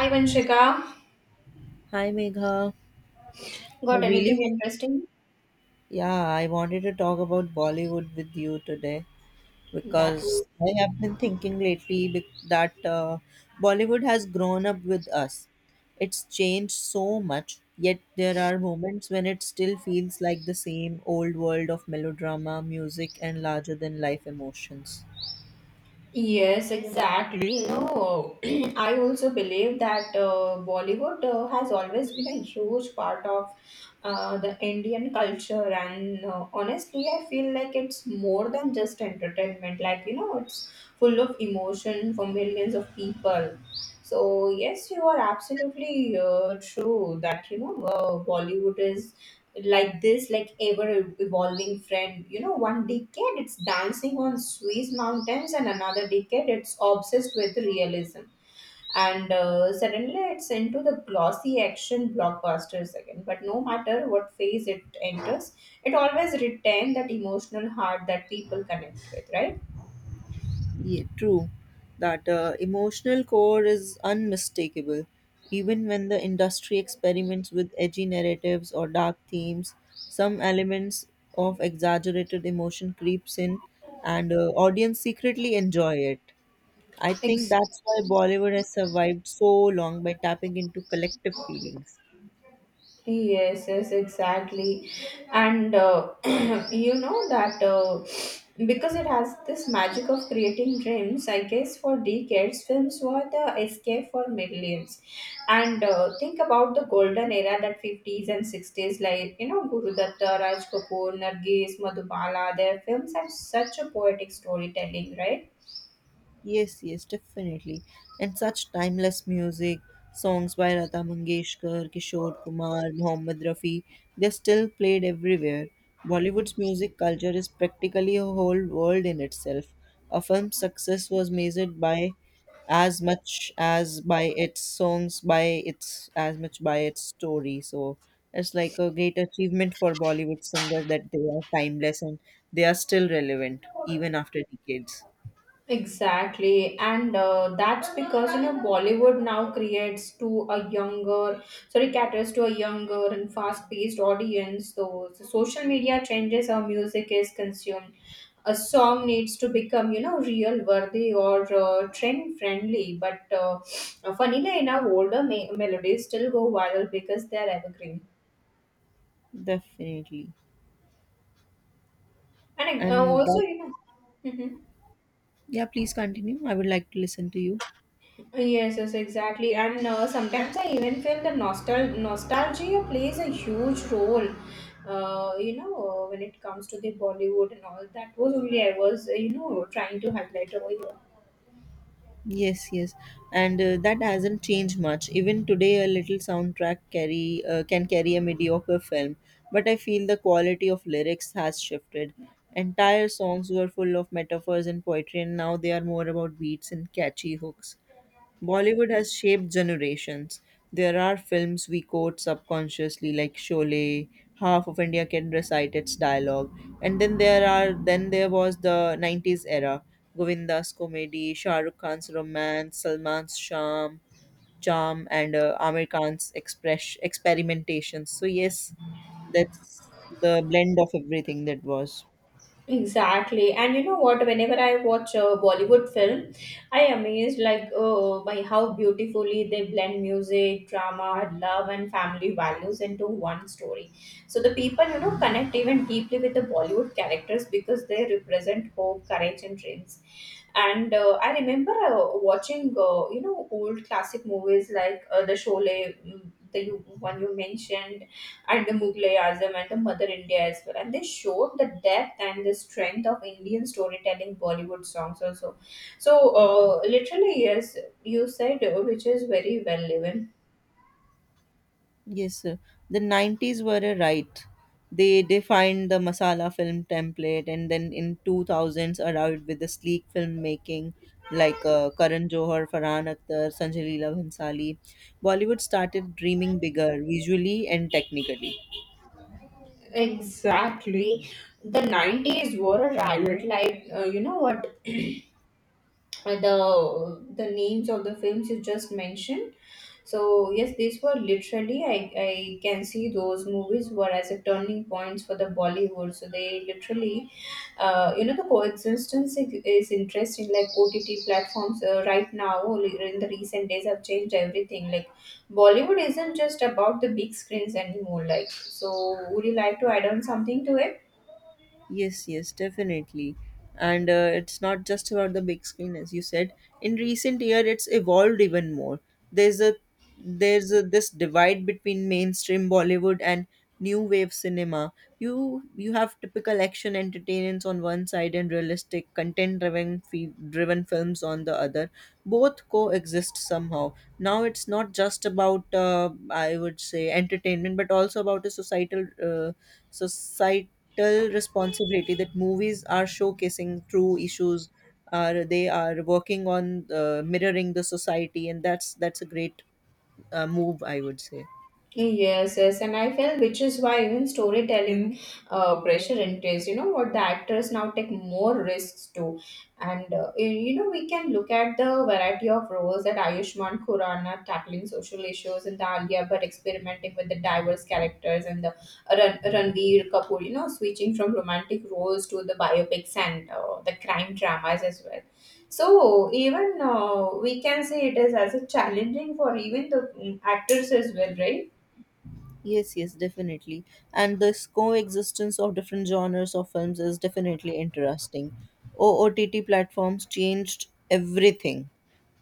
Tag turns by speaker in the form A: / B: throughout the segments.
A: Hi, Vanshika.
B: Hi Megha, I
A: Got
B: really
A: anything
B: wa-
A: interesting?
B: yeah, I wanted to talk about Bollywood with you today
A: That w-
B: because I have been thinking lately, that Bollywood has grown up with us. It's changed so much, yet there are moments when it still feels like the same old world of melodrama, music, and larger than life emotions.
A: yes, exactly. No, I also believe that Bollywood has always been a huge part of the Indian culture, and honestly, I feel like it's more than just entertainment. Like it's full of emotion for millions of people. So yes, you are absolutely true that Bollywood is like this, like ever evolving friend. One decade it's dancing on Swiss mountains, and another decade it's obsessed with realism, and suddenly it's into the glossy action blockbusters again. But no matter what phase it enters, it always retains that emotional heart that people connect with, right?
B: Yeah, true. That emotional core is unmistakable. Even when the industry experiments with edgy narratives or dark themes, some elements of exaggerated emotion creeps in, and audience secretly enjoy it. I think
A: Exactly.
B: that's why Bollywood has survived so long by tapping into collective feelings.
A: Yes, yes, exactly. And you know that because it has this magic of creating dreams, I guess for decades, films were the escape for millions. And think about the golden era, that 50s and 60s, like, you know, Guru Datta, Raj Kapoor, Nargis, Madhubala, their films have such a poetic storytelling, right?
B: Yes, yes, definitely. And such timeless music, songs by Lata Mangeshkar, Kishore Kumar, Mohammed Rafi, they're still played everywhere. Bollywood's music culture is practically a whole world in itself. A film's success was measured by as much as by its songs, by its as much by its story. So it's like a great achievement for Bollywood singers that they are timeless and they are still relevant even after decades.
A: Exactly, and that's because, you know, Bollywood now creates to a younger, sorry, caters to a younger and fast-paced audience. Though so, social media changes how music is consumed. A song needs to become, you know, real worthy or trend friendly. But funnily enough, older melodies still go viral because they're evergreen.
B: Definitely.
A: And
B: And
A: also,
B: that,
A: Mhm.
B: yeah, please continue. I would like to listen to you.
A: Yes, yes, exactly. And sometimes I even feel that nostalgia plays a huge role. You know, when it comes to the Bollywood and all, that was only I was, you know, trying to highlight over here.
B: Yes, yes. And that hasn't changed much. Even today, a little soundtrack carry can carry a mediocre film, but I feel the quality of lyrics has shifted. Entire songs were full of metaphors and poetry, and now they are more about beats and catchy hooks. Bollywood has shaped generations. There are films we quote subconsciously, like Sholay. Half of India can recite its dialogue. And then there are then there was the 90s era. Govinda's comedy, Shah Rukh Khan's romance, Salman's charm, and Amir Khan's express experimentations. So yes, that's the blend of everything that was.
A: Exactly. And you know what? Whenever I watch a Bollywood film, I am amazed, like, oh, by how beautifully they blend music, drama, love and family values into one story. So the people, you know, connect even deeply with the Bollywood characters because they represent hope, courage and dreams. And I remember watching, you know, old classic movies like the Sholay, mm, the you, one you mentioned, and the Mughalaism and the Mother India as well. And they showed the depth and the strength of Indian storytelling, Bollywood songs also. So, literally, yes, you said, which is very well even.
B: Yes, sir. The 90s were a right. They defined the masala film template, and then in 2000s arrived with the sleek filmmaking like Karan Johar, Farhan Akhtar, Sanjay Leela Bhansali. Bollywood started dreaming bigger visually and technically.
A: Exactly. The 90s were a riot. Like, you know what? The names of the films you just mentioned, so yes, these were literally, I can see those movies were as a turning points for the Bollywood. So they literally, you know, the coexistence is interesting. Like OTT platforms right now in the recent days have changed everything. Like Bollywood isn't just about the big screens anymore, like, so would you like to add on something to it?
B: Yes, yes, definitely. And it's not just about the big screen, as you said. In recent year, it's evolved even more. There's a this divide between mainstream Bollywood and new wave cinema. You have typical action entertainments on one side and realistic content driven driven films on the other. Both coexist somehow. Now it's not just about I would say entertainment, but also about a societal responsibility that movies are showcasing true issues, are they are working on mirroring the society. And that's a great move, I would say.
A: Yes, yes, and I felt, which is why even storytelling pressure increased. You know what, the actors now take more risks too, and you know, we can look at the variety of roles, that Ayushmann Khurrana tackling social issues, and the Alia but experimenting with the diverse characters, and the Ranveer Kapoor. You know, switching from romantic roles to the biopics and the crime dramas as well. So even we can say it is as a challenging for even the mm, actors as well, right?
B: Yes, yes, definitely. And this coexistence of different genres of films is definitely interesting. OOTT platforms changed everything.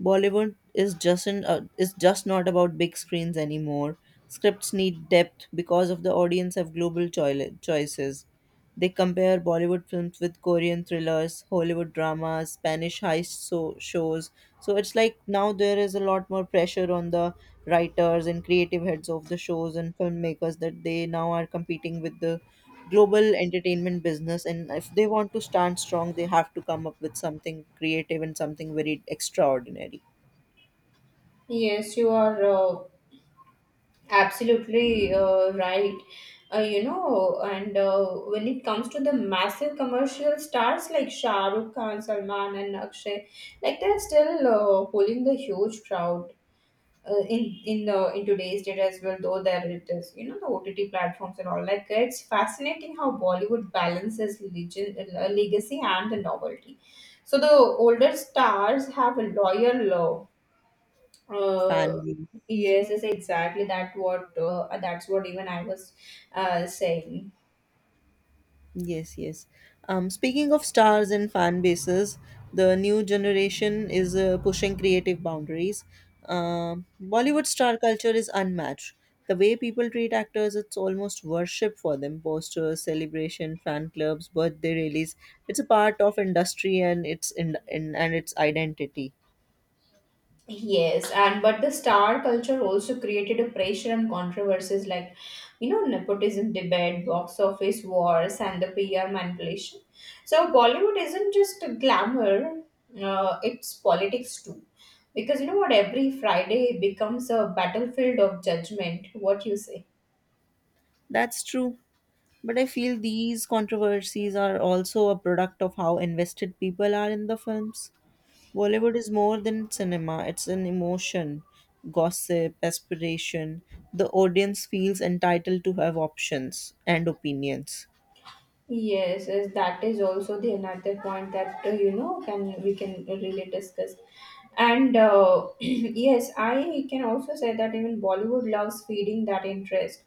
B: Bollywood is just not about big screens anymore. Scripts need depth because of the audience have global choices. They compare Bollywood films with Korean thrillers, Hollywood dramas, Spanish heist shows. So it's like now there is a lot more pressure on the writers and creative heads of the shows and filmmakers that they now are competing with the global entertainment business. And if they want to stand strong, they have to come up with something creative and something very extraordinary.
A: Yes, you are absolutely right. You know, and when it comes to the massive commercial stars like Shah Rukh Khan, Salman, and Akshay, like they're still pulling the huge crowd in today's date as well. Though there it is, you know, the OTT platforms and all. Like it's fascinating how Bollywood balances legend, legacy and the novelty. So the older stars have a loyal
B: Fan.
A: uh, yes, yes, exactly. That what that's what even I was saying.
B: Yes, yes. Speaking of stars and fan bases, the new generation is pushing creative boundaries. Bollywood star culture is unmatched. The way people treat actors, it's almost worship for them. Posters, celebration, fan clubs, birthday rallies. It's a part of industry and its in and its identity.
A: Yes, and but the star culture also created a pressure and controversies, like, you know, nepotism debate, box office wars, and the PR manipulation. So Bollywood isn't just glamour; it's politics too. Because you know what, every Friday becomes a battlefield of judgment. What you say?
B: That's true. But I feel these controversies are also a product of how invested people are in the films. Bollywood is more than cinema, it's an emotion, gossip, aspiration. The audience feels entitled to have options and opinions.
A: Yes, yes, that is also the another point that you know, can we, can really discuss, and yes, I can also say that even Bollywood loves feeding that interest,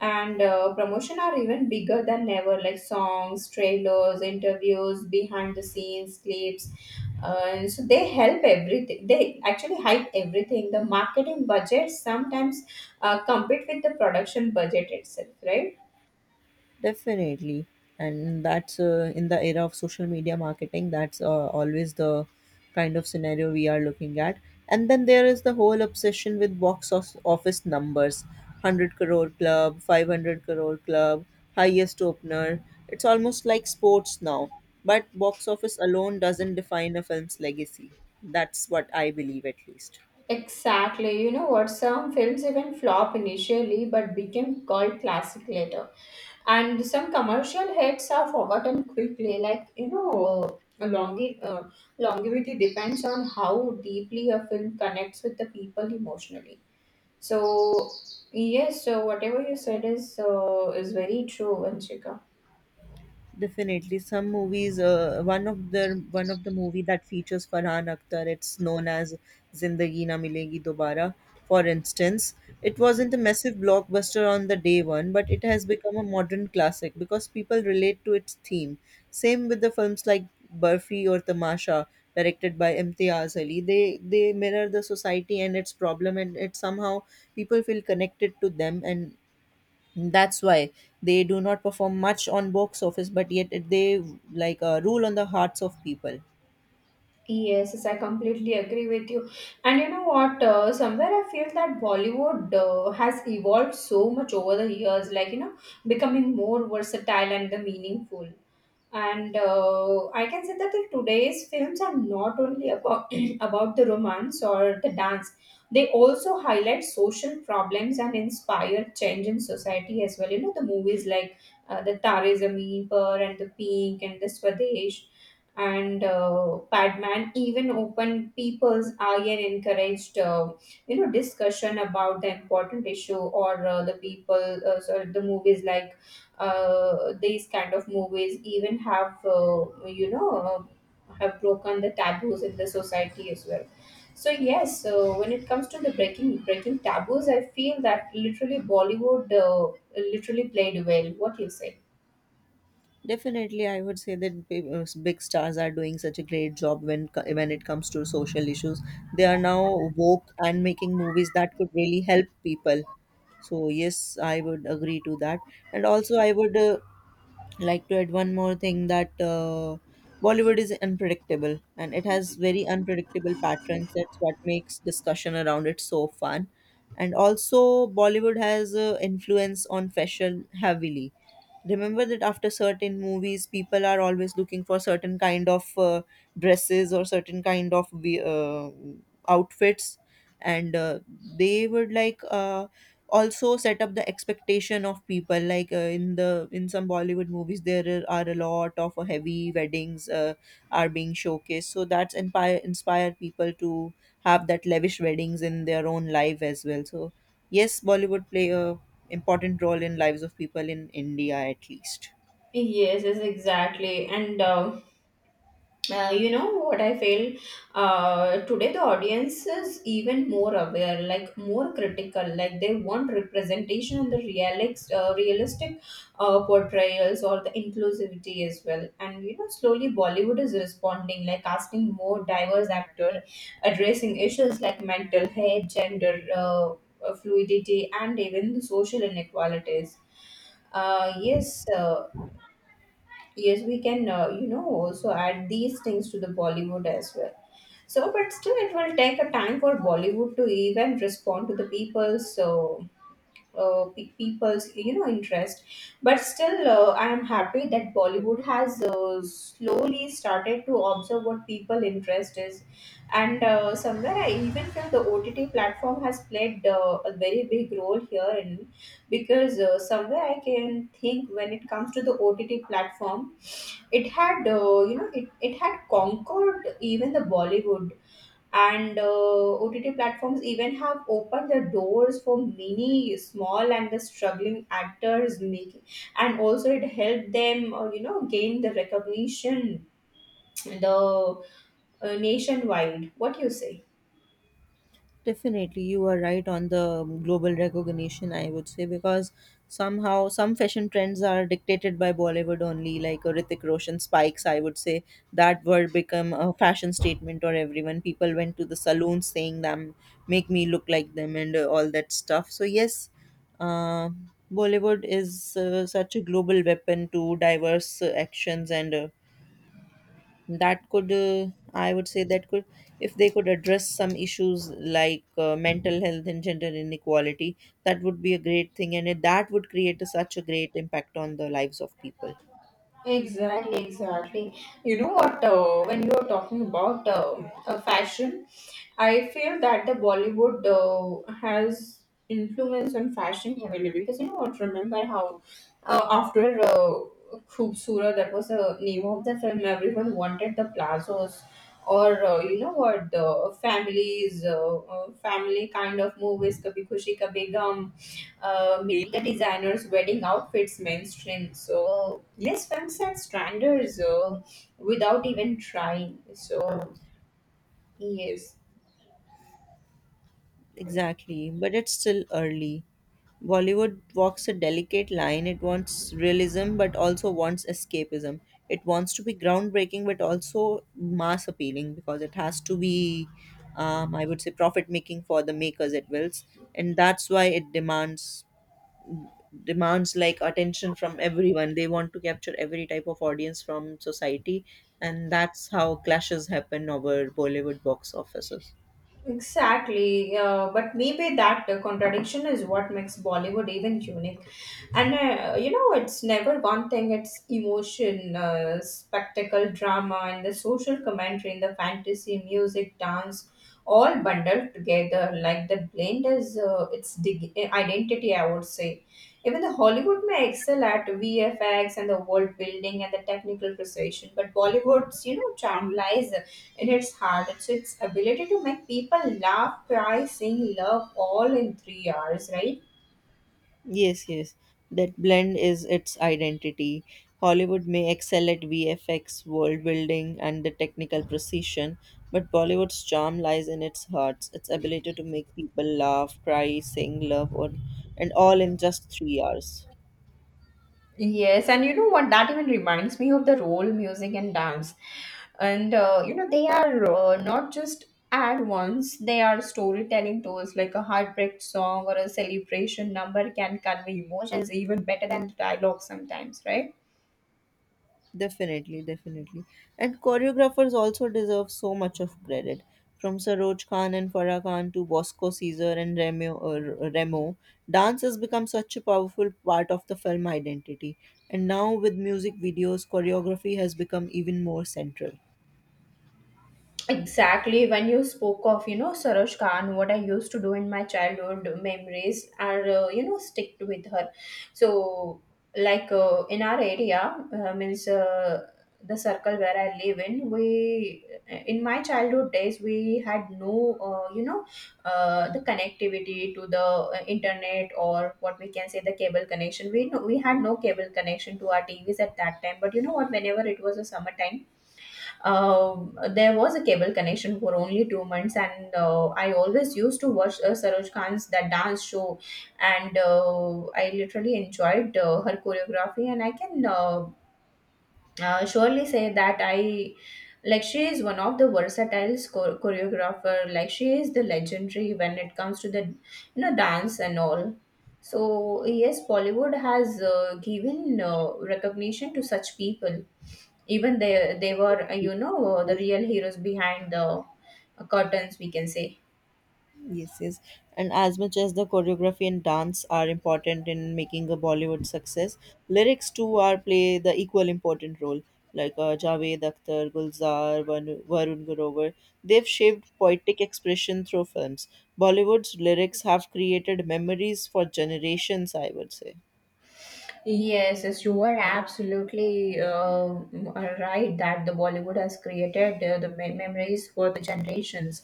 A: and promotion are even bigger than ever, like songs, trailers, interviews, behind the scenes clips, so they help everything. They actually hype everything. The marketing budget sometimes compete with the production budget itself, right?
B: Definitely, and that's in the era of social media marketing. That's always the kind of scenario we are looking at. And then there is the whole obsession with box of office numbers, 100 crore club, 500 crore club, highest opener. It's almost like sports now, but box office alone doesn't define a film's legacy. That's what I believe, at least.
A: Exactly. You know what? Some films even flop initially but became cult classic later. And some commercial hits are forgotten quickly. Like, you know, longevity depends on how deeply a film connects with the people emotionally. So, yes, so whatever you said is very true, Vanshika.
B: Definitely, some movies. One of the movie that features Farhan Akhtar. It's known as Zindagi Na Milegi Dobara. For instance, it wasn't a massive blockbuster on the day one, but it has become a modern classic because people relate to its theme. Same with the films like Burfi or Tamasha, directed by Imtiaz Ali. They mirror the society and its problem, and it somehow people feel connected to them, and that's why they do not perform much on box office, but yet they like rule on the hearts of people.
A: Yes, yes, I completely agree with you. And you know what? Somewhere I feel that Bollywood has evolved so much over the years, like, you know, becoming more versatile and the meaningful. And I can say that the today's films are not only about about the romance or the dance; they also highlight social problems and inspire change in society as well. You know, the movies like the Tare Zameen Par and the Pink and the Swadesh and Padman, even open people's eye and encouraged, you know, discussion about the important issue or the people, so the movies like these kind of movies even have, you know, have broken the taboos in the society as well. So yes, so when it comes to the breaking taboos, I feel that literally Bollywood literally played well. What do you say?
B: Definitely, I would say that big stars are doing such a great job when when it comes to social issues. They are now woke and making movies that could really help people. So yes, I would agree to that. And also, I would like to add one more thing that Bollywood is unpredictable and it has very unpredictable patterns. That's what makes discussion around it so fun. And also, Bollywood has influence on fashion heavily. Remember that after certain movies, people are always looking for certain kind of dresses or certain kind of outfits, and they would like. Also set up the expectation of people, like in the in some Bollywood movies, there are a lot of heavy weddings are being showcased, so that's inspire people to have that lavish weddings in their own life as well. So yes, Bollywood play a important role in lives of people in India, at least.
A: Yes, yes, exactly. And you know what I feel, today the audience is even more aware, like more critical, like they want representation and the realist, realistic portrayals or the inclusivity as well. And you know, slowly Bollywood is responding, like casting more diverse actors, addressing issues like mental health, gender fluidity and even the social inequalities. uh, yes uh, Yes, we can, you know, also add these things to the Bollywood as well. So, but still, it will take a time for Bollywood to even respond to the people's, so people's, you know, interest. But still, I am happy that Bollywood has slowly started to observe what people interest is, and somewhere I even feel the OTT platform has played a very big role here in, because somewhere I can think, when it comes to the OTT platform, it had you know, it had conquered even the Bollywood. And OTT platforms even have opened the doors for many small and the struggling actors making, and also it helped them you know, gain the recognition, the nationwide. What do you say?
B: Definitely, you are right on the global recognition, I would say, because somehow some fashion trends are dictated by Bollywood only, like a Hrithik Roshan spikes, I would say, that word become a fashion statement or everyone. People went to the saloons saying them, make me look like them, and all that stuff. So yes, uh, Bollywood is such a global weapon to diverse actions. And that could uh, i would say that could, if they could address some issues like mental health and gender inequality, that would be a great thing, and it, that would create a, such a great impact on the lives of people.
A: Exactly, exactly. You know what? When you are talking about fashion, I feel that the Bollywood has influence on fashion heavily, because you know what? Remember how after Khoobsura, that was the name of the film. Everyone wanted the plazos, or you know what? The families, family kind of movies, Kabhi Khushi Kabhi Gum, media designers wedding outfits mainstream so less fun at stranders without even trying, so yes.
B: Exactly, but it's still early. Bollywood walks a delicate line. It wants realism but also wants escapism. It wants to be groundbreaking but also mass appealing because it has to be, I would say, profit making for the makers it wills. And that's why it demands like attention from everyone. They want to capture every type of audience from society, and that's how clashes happen over Bollywood box offices.
A: Exactly, but maybe that contradiction is what makes Bollywood even unique. And you know, it's never one thing, it's emotion, spectacle, drama, and the social commentary, and the fantasy, music, dance, all bundled together. Like the blend is its dig- identity, I would say. Even the Hollywood may excel at VFX and the world building and the technical precision, but Bollywood's, you know, charm lies, it is hard. It's its ability to make people laugh, cry, sing, love all in 3 hours, right?
B: Yes, yes, that blend is its identity. Hollywood may excel at VFX, world building, and the technical precision, but Bollywood's charm lies in its hearts, its ability to make people laugh, cry, sing, love, or and all in just 3 hours.
A: Yes, and you know what? That even reminds me of the role music and dance. And you know, they are not just ad ones, they are storytelling tools, like a heartbreak song or a celebration number can convey emotions even better than the dialogue sometimes, right?
B: Definitely, definitely. And choreographers also deserve so much of credit. From Saroj Khan and Farah Khan to Bosco Caesar and Remo, or Remo, dance has become such a powerful part of the film identity. And now with music videos, choreography has become even more central.
A: Exactly. When you spoke of, you know, Saroj Khan, what I used to do in my childhood memories are, you know, stick with her. So, like in our area, means the circle where I live in, we, in my childhood days, we had no, you know, the connectivity to the internet, or what we can say, the cable connection. We, no, we had no cable connection to our TVs at that time. But you know what, whenever it was a summertime, uh, there was a cable connection for only 2 months, and I always used to watch Saroj Khan's that dance show, and I literally enjoyed her choreography, and I can surely say that I like she is one of the versatile choreographer. Like she is the legendary when it comes to the you know dance and all. So yes, Bollywood has given recognition to such people. Even they were you know the
B: As
A: real heroes behind the curtains we can say.
B: Yes, yes. And as much as the choreography and dance are important in making a Bollywood success, lyrics too are play the equal important role. Like Javed Akhtar, Gulzar, Varun Garovar, they've shaped poetic expression through films. Bollywood's lyrics have created memories for generations, I would say.
A: Yes, yes, you are absolutely right that the Bollywood has created the memories for the generations.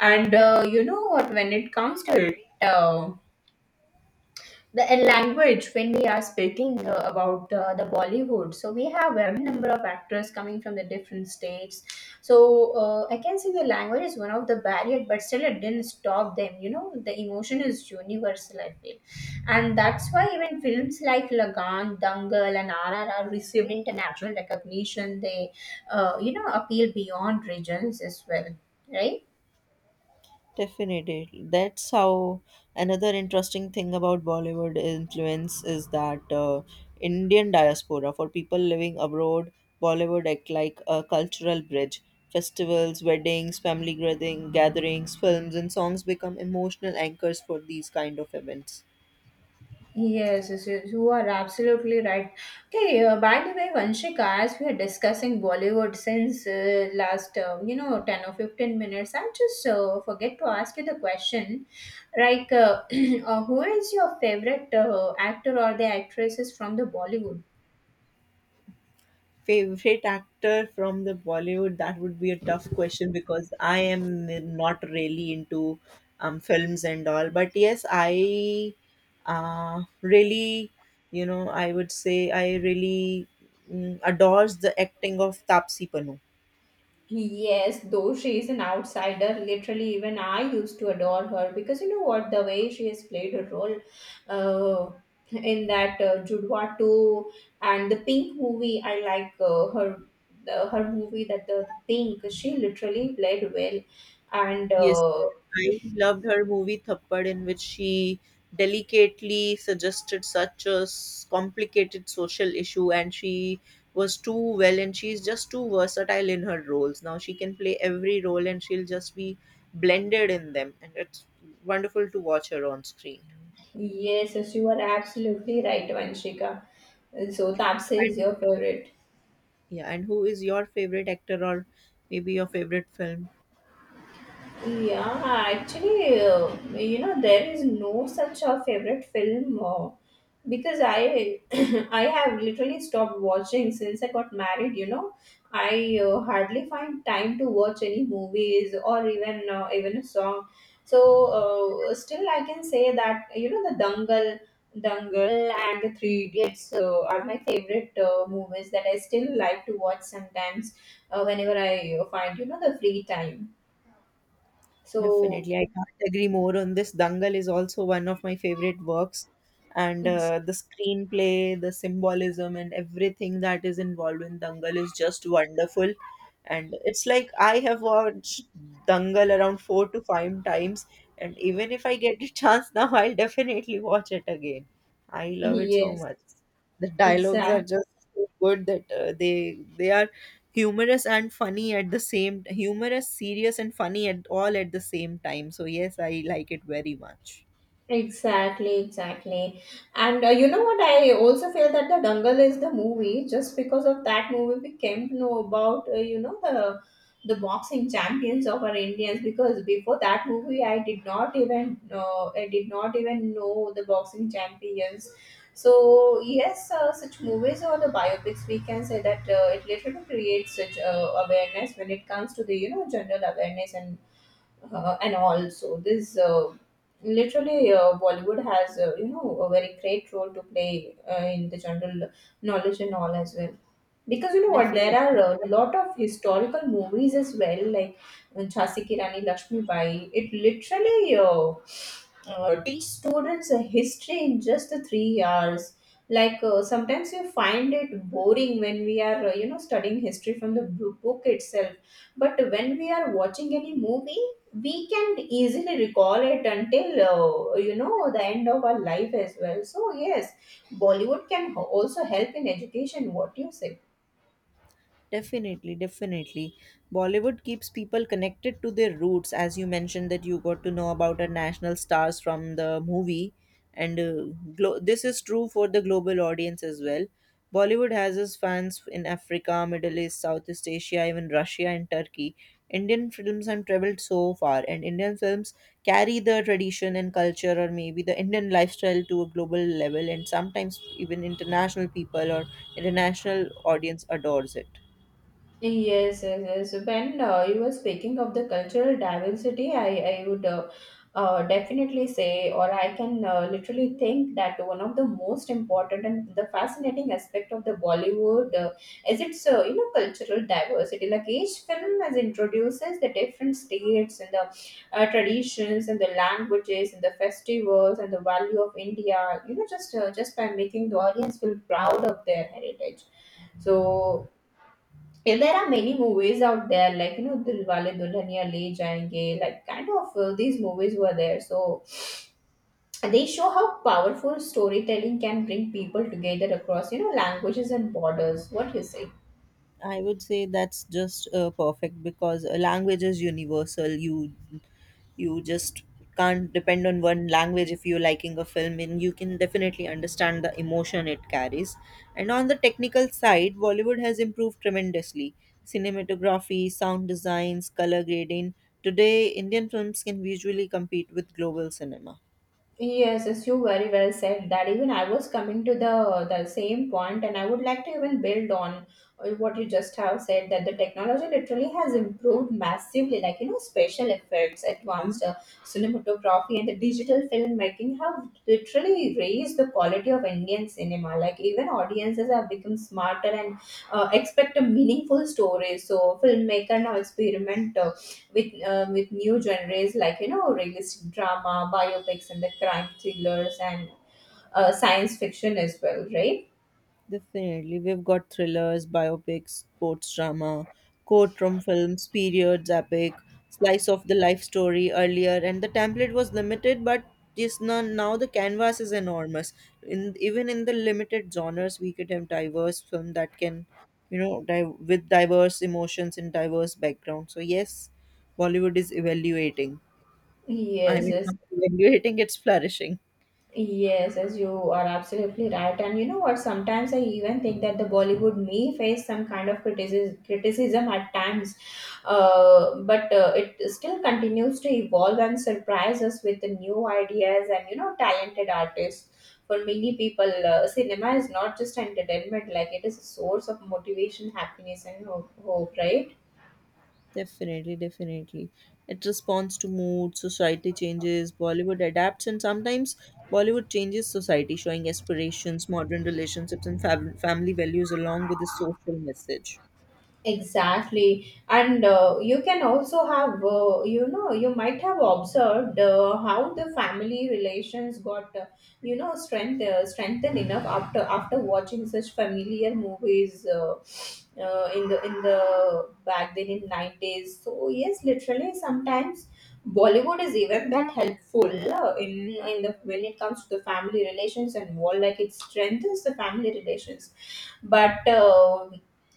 A: And you know what, when it comes to it, the language when we are speaking about the Bollywood. So we have a number of actors coming from the different states, so I can say the language is one of the barrier, but still it didn't stop them. You know, the emotion is universal, I feel, and that's why even films like Lagan, Dangal, and RRR received international recognition. They you know appeal beyond regions as well, right?
B: Definitely. That's how another interesting thing about Bollywood influence is that Indian diaspora, for people living abroad, Bollywood act like a cultural bridge. Festivals, weddings, family gatherings, films, and songs become emotional anchors for these kind of events.
A: Yes, yes, yes, you are absolutely right. Okay, by the way, Vanshika, as we are discussing Bollywood since last, you know, 10 or 15 minutes, I just forget to ask you the question, like, who is your favorite actor or the actresses from the Bollywood?
B: Favorite actor from the Bollywood? That would be a tough question because I am not really into films and all. But yes, I really, I would say I really adores the acting of Tapsi Pannu.
A: Yes, though she is an outsider, literally, even I used to adore her, because you know what, the way she has played a role uh, in that Judwa 2 and the Pink movie. I like her the, her movie, that the Pink, she literally played well. And
B: Yes, sir. I loved her movie Thappad, in which she delicately suggested such a complicated social issue, and she was too well, and she's just too versatile in her roles. Now she can play every role, and she'll just be blended in them, and it's wonderful to watch her on screen.
A: Yes, yes, you are absolutely right, Vanshika. So, Tapse is your favorite.
B: Yeah, and who is your favorite actor, or maybe your favorite film?
A: Yeah, actually, you know, there is no such a favorite film because I I have literally stopped watching since I got married. You know, I hardly find time to watch any movies or even even a song. So still, I can say that you know the Dangal and the Three Idiots are my favorite movies that I still like to watch sometimes whenever I find you know the free time. So
B: Definitely, I can't agree more on this. Dangal is also one of my favorite works, and
A: Ex-
B: the screenplay, the symbolism, and everything that is involved in Dangal is just wonderful. And it's like I have watched Dangal around 4 to 5 times, and even if I get a chance now, I'll definitely watch it again. I love it so
A: Yes,
B: much. The dialogues are
A: exact,
B: just so good that they are humorous and funny at the same humorous, serious and funny at all at the same time. So yes, I like it very much.
A: exactly, exactly. And you know what? I also feel that the Dangal is the movie. Just because of that movie, we came to know about you know the boxing champions of our Indians. Because before that movie, I did not even know the boxing champions. So yes, such movies or the biopics, we can say that it literally creates such awareness when it comes to the you know general awareness. And also this literally Bollywood has you know a very great role to play in the general knowledge and all as well, because you know what, there are
B: Definitely.
A: a lot of historical movies as well, like Jhansi Ki Rani Lakshmi Bai. It literally teach students a history in just the 3 hours. Like sometimes you find it boring when we are you know studying history from the book itself, but when we are watching any movie, we can easily recall it until you know the end of our life as well. So yes, Bollywood can also help in education, what do you say?
B: Definitely, definitely. Bollywood keeps people connected to their roots, as you mentioned that you got to know about our national stars from the movie, and this is true for the global audience as well. Bollywood has its fans in Africa, Middle East, Southeast Asia, even Russia and Turkey. Indian films have traveled so far, and Indian films carry the tradition and culture, or maybe the Indian lifestyle to a global level, and sometimes even international people or international audience adores it.
A: Yes, yes, yes. When you were speaking of the cultural diversity, I would definitely say, or I can literally think that one of the most important and the fascinating aspect of the Bollywood is its you know cultural diversity. Like each film has introduces the different states and the traditions and the languages and the festivals and the value of India. You know, just by making the audience feel proud of their heritage, so yeah, there are many movies out there, like you know, Dilwale Dulhaniya Le Jayenge, like kind of these movies were there. So they show how powerful storytelling can bring people together across, you know, languages and borders. What do you say?
B: I would say that's just perfect because a language is universal. You just can't depend on one language if you're liking a film, and you can definitely understand the emotion it carries. And on the technical side, Bollywood has improved tremendously. Cinematography, sound designs, color grading. Today, Indian films can visually compete with global cinema.
A: Yes, yes, you very well said that. Even I was coming to the same point, and I would like to even build on what you just have said, that the technology literally has improved massively. Like you know, special effects, advanced cinematography, and the digital filmmaking have literally raised the quality of Indian cinema. Like even audiences have become smarter and expect a meaningful story. So filmmaker now experiment with new genres like you know realistic drama, biopics, and the crime thrillers and science fiction as well, right?
B: Definitely. We've got thrillers, biopics, sports drama, courtroom films, periods, epic, slice of the life story earlier, and the template was limited, but just now, now the canvas is enormous. In even in the limited genres, we could have diverse film that can, you know, dive with diverse emotions and diverse backgrounds. So yes, Bollywood is evaluating. I
A: Yes,
B: mean,
A: yes.
B: not evaluating, it's flourishing.
A: Yes, as you are absolutely right. And you know what? Sometimes I even think that the Bollywood may face some kind of criticism at times, but it still continues to evolve and surprise us with the new ideas and you know talented artists. For many people, cinema is not just entertainment; like it is a source of motivation, happiness, and hope. Right?
B: Definitely, definitely. It responds to mood, society changes, Bollywood adapts, and sometimes Bollywood changes society, showing aspirations, modern relationships, and family values along with the social message.
A: Exactly, and you can also have, you know, you might have observed how the family relations got, strengthened enough after after watching such familiar movies in the back then in nineties. So yes, literally sometimes Bollywood is even that helpful uh, in in the when it comes to the family relations and all. Like it strengthens the family relations, but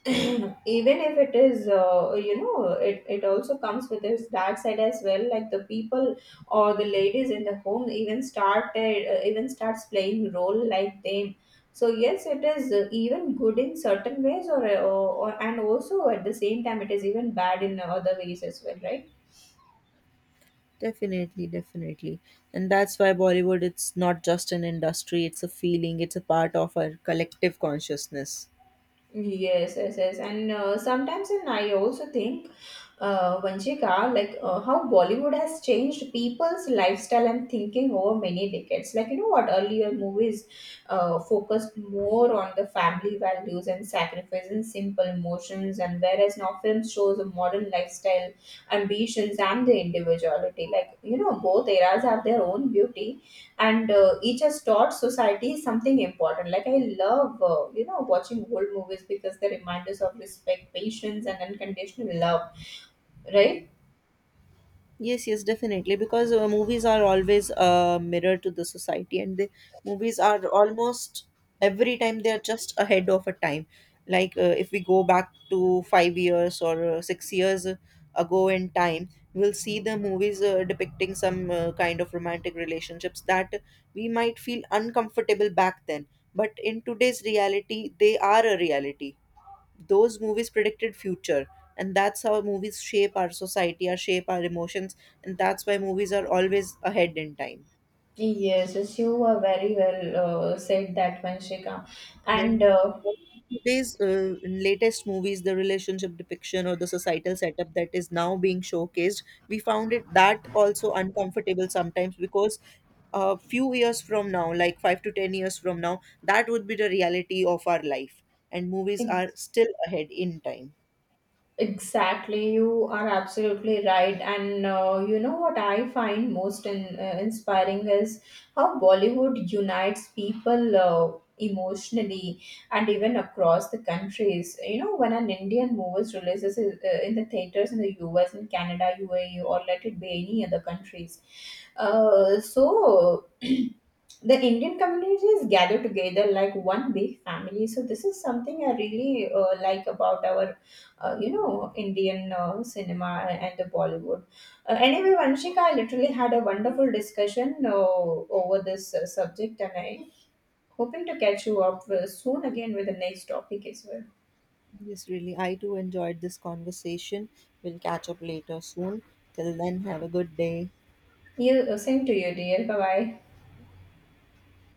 A: even if it is you know it also comes with its dark side as well, like the people or the ladies in the home even starts playing role like them. So yes, it is even good in certain ways or and also at the same time it is even bad in other ways as well, right?
B: Definitely, definitely. And that's why Bollywood, it's not just an industry, it's a feeling, it's a part of our collective consciousness.
A: Yes, yes, yes. And sometimes and I also think Vanchika, like how Bollywood has changed people's lifestyle and thinking over many decades. Like, you know what, earlier movies focused more on the family values and sacrifice and simple emotions, and whereas now films shows a modern lifestyle, ambitions, and the individuality. Like, you know, both eras have their own beauty, and each has taught society something important. Like, I love, you know, watching old movies because they remind us of respect, patience, and unconditional love, right?
B: Yes, yes, definitely. Because movies are always a mirror to the society, and the movies are almost every time they are just ahead of a time. Like if we go back to 5 years or 6 years ago in time, we'll see the movies depicting some kind of romantic relationships that we might feel uncomfortable back then. But in today's reality, they are a reality. Those movies predicted future, and that's how movies shape our society, our shape our emotions, and that's why movies are always ahead in time.
A: Yes, yes, you were very well said that, Vanshika.
B: And
A: And
B: today's latest movies, the relationship depiction or the societal setup that is now being showcased, we found it that also uncomfortable sometimes, because a few years from now, like 5 to 10 years from now, that would be the reality of our life, and movies are still ahead in time.
A: Exactly, you are absolutely right. And you know what I find most in, inspiring is how Bollywood unites people emotionally and even across the countries. You know, when an Indian movie releases in the theaters in the US, in Canada, UAE, or let it be any other countries, so the Indian community is gathered together like one big family. So this is something I really like about our you know Indian cinema and the Bollywood. Anyway, Vanshika, I literally had a wonderful discussion over this subject, and I hoping to catch you up soon again with the next topic as well.
B: Yes, really. I too enjoyed this conversation. We'll catch up later soon. Till then, have a good day.
A: You same to you, dear. Bye bye.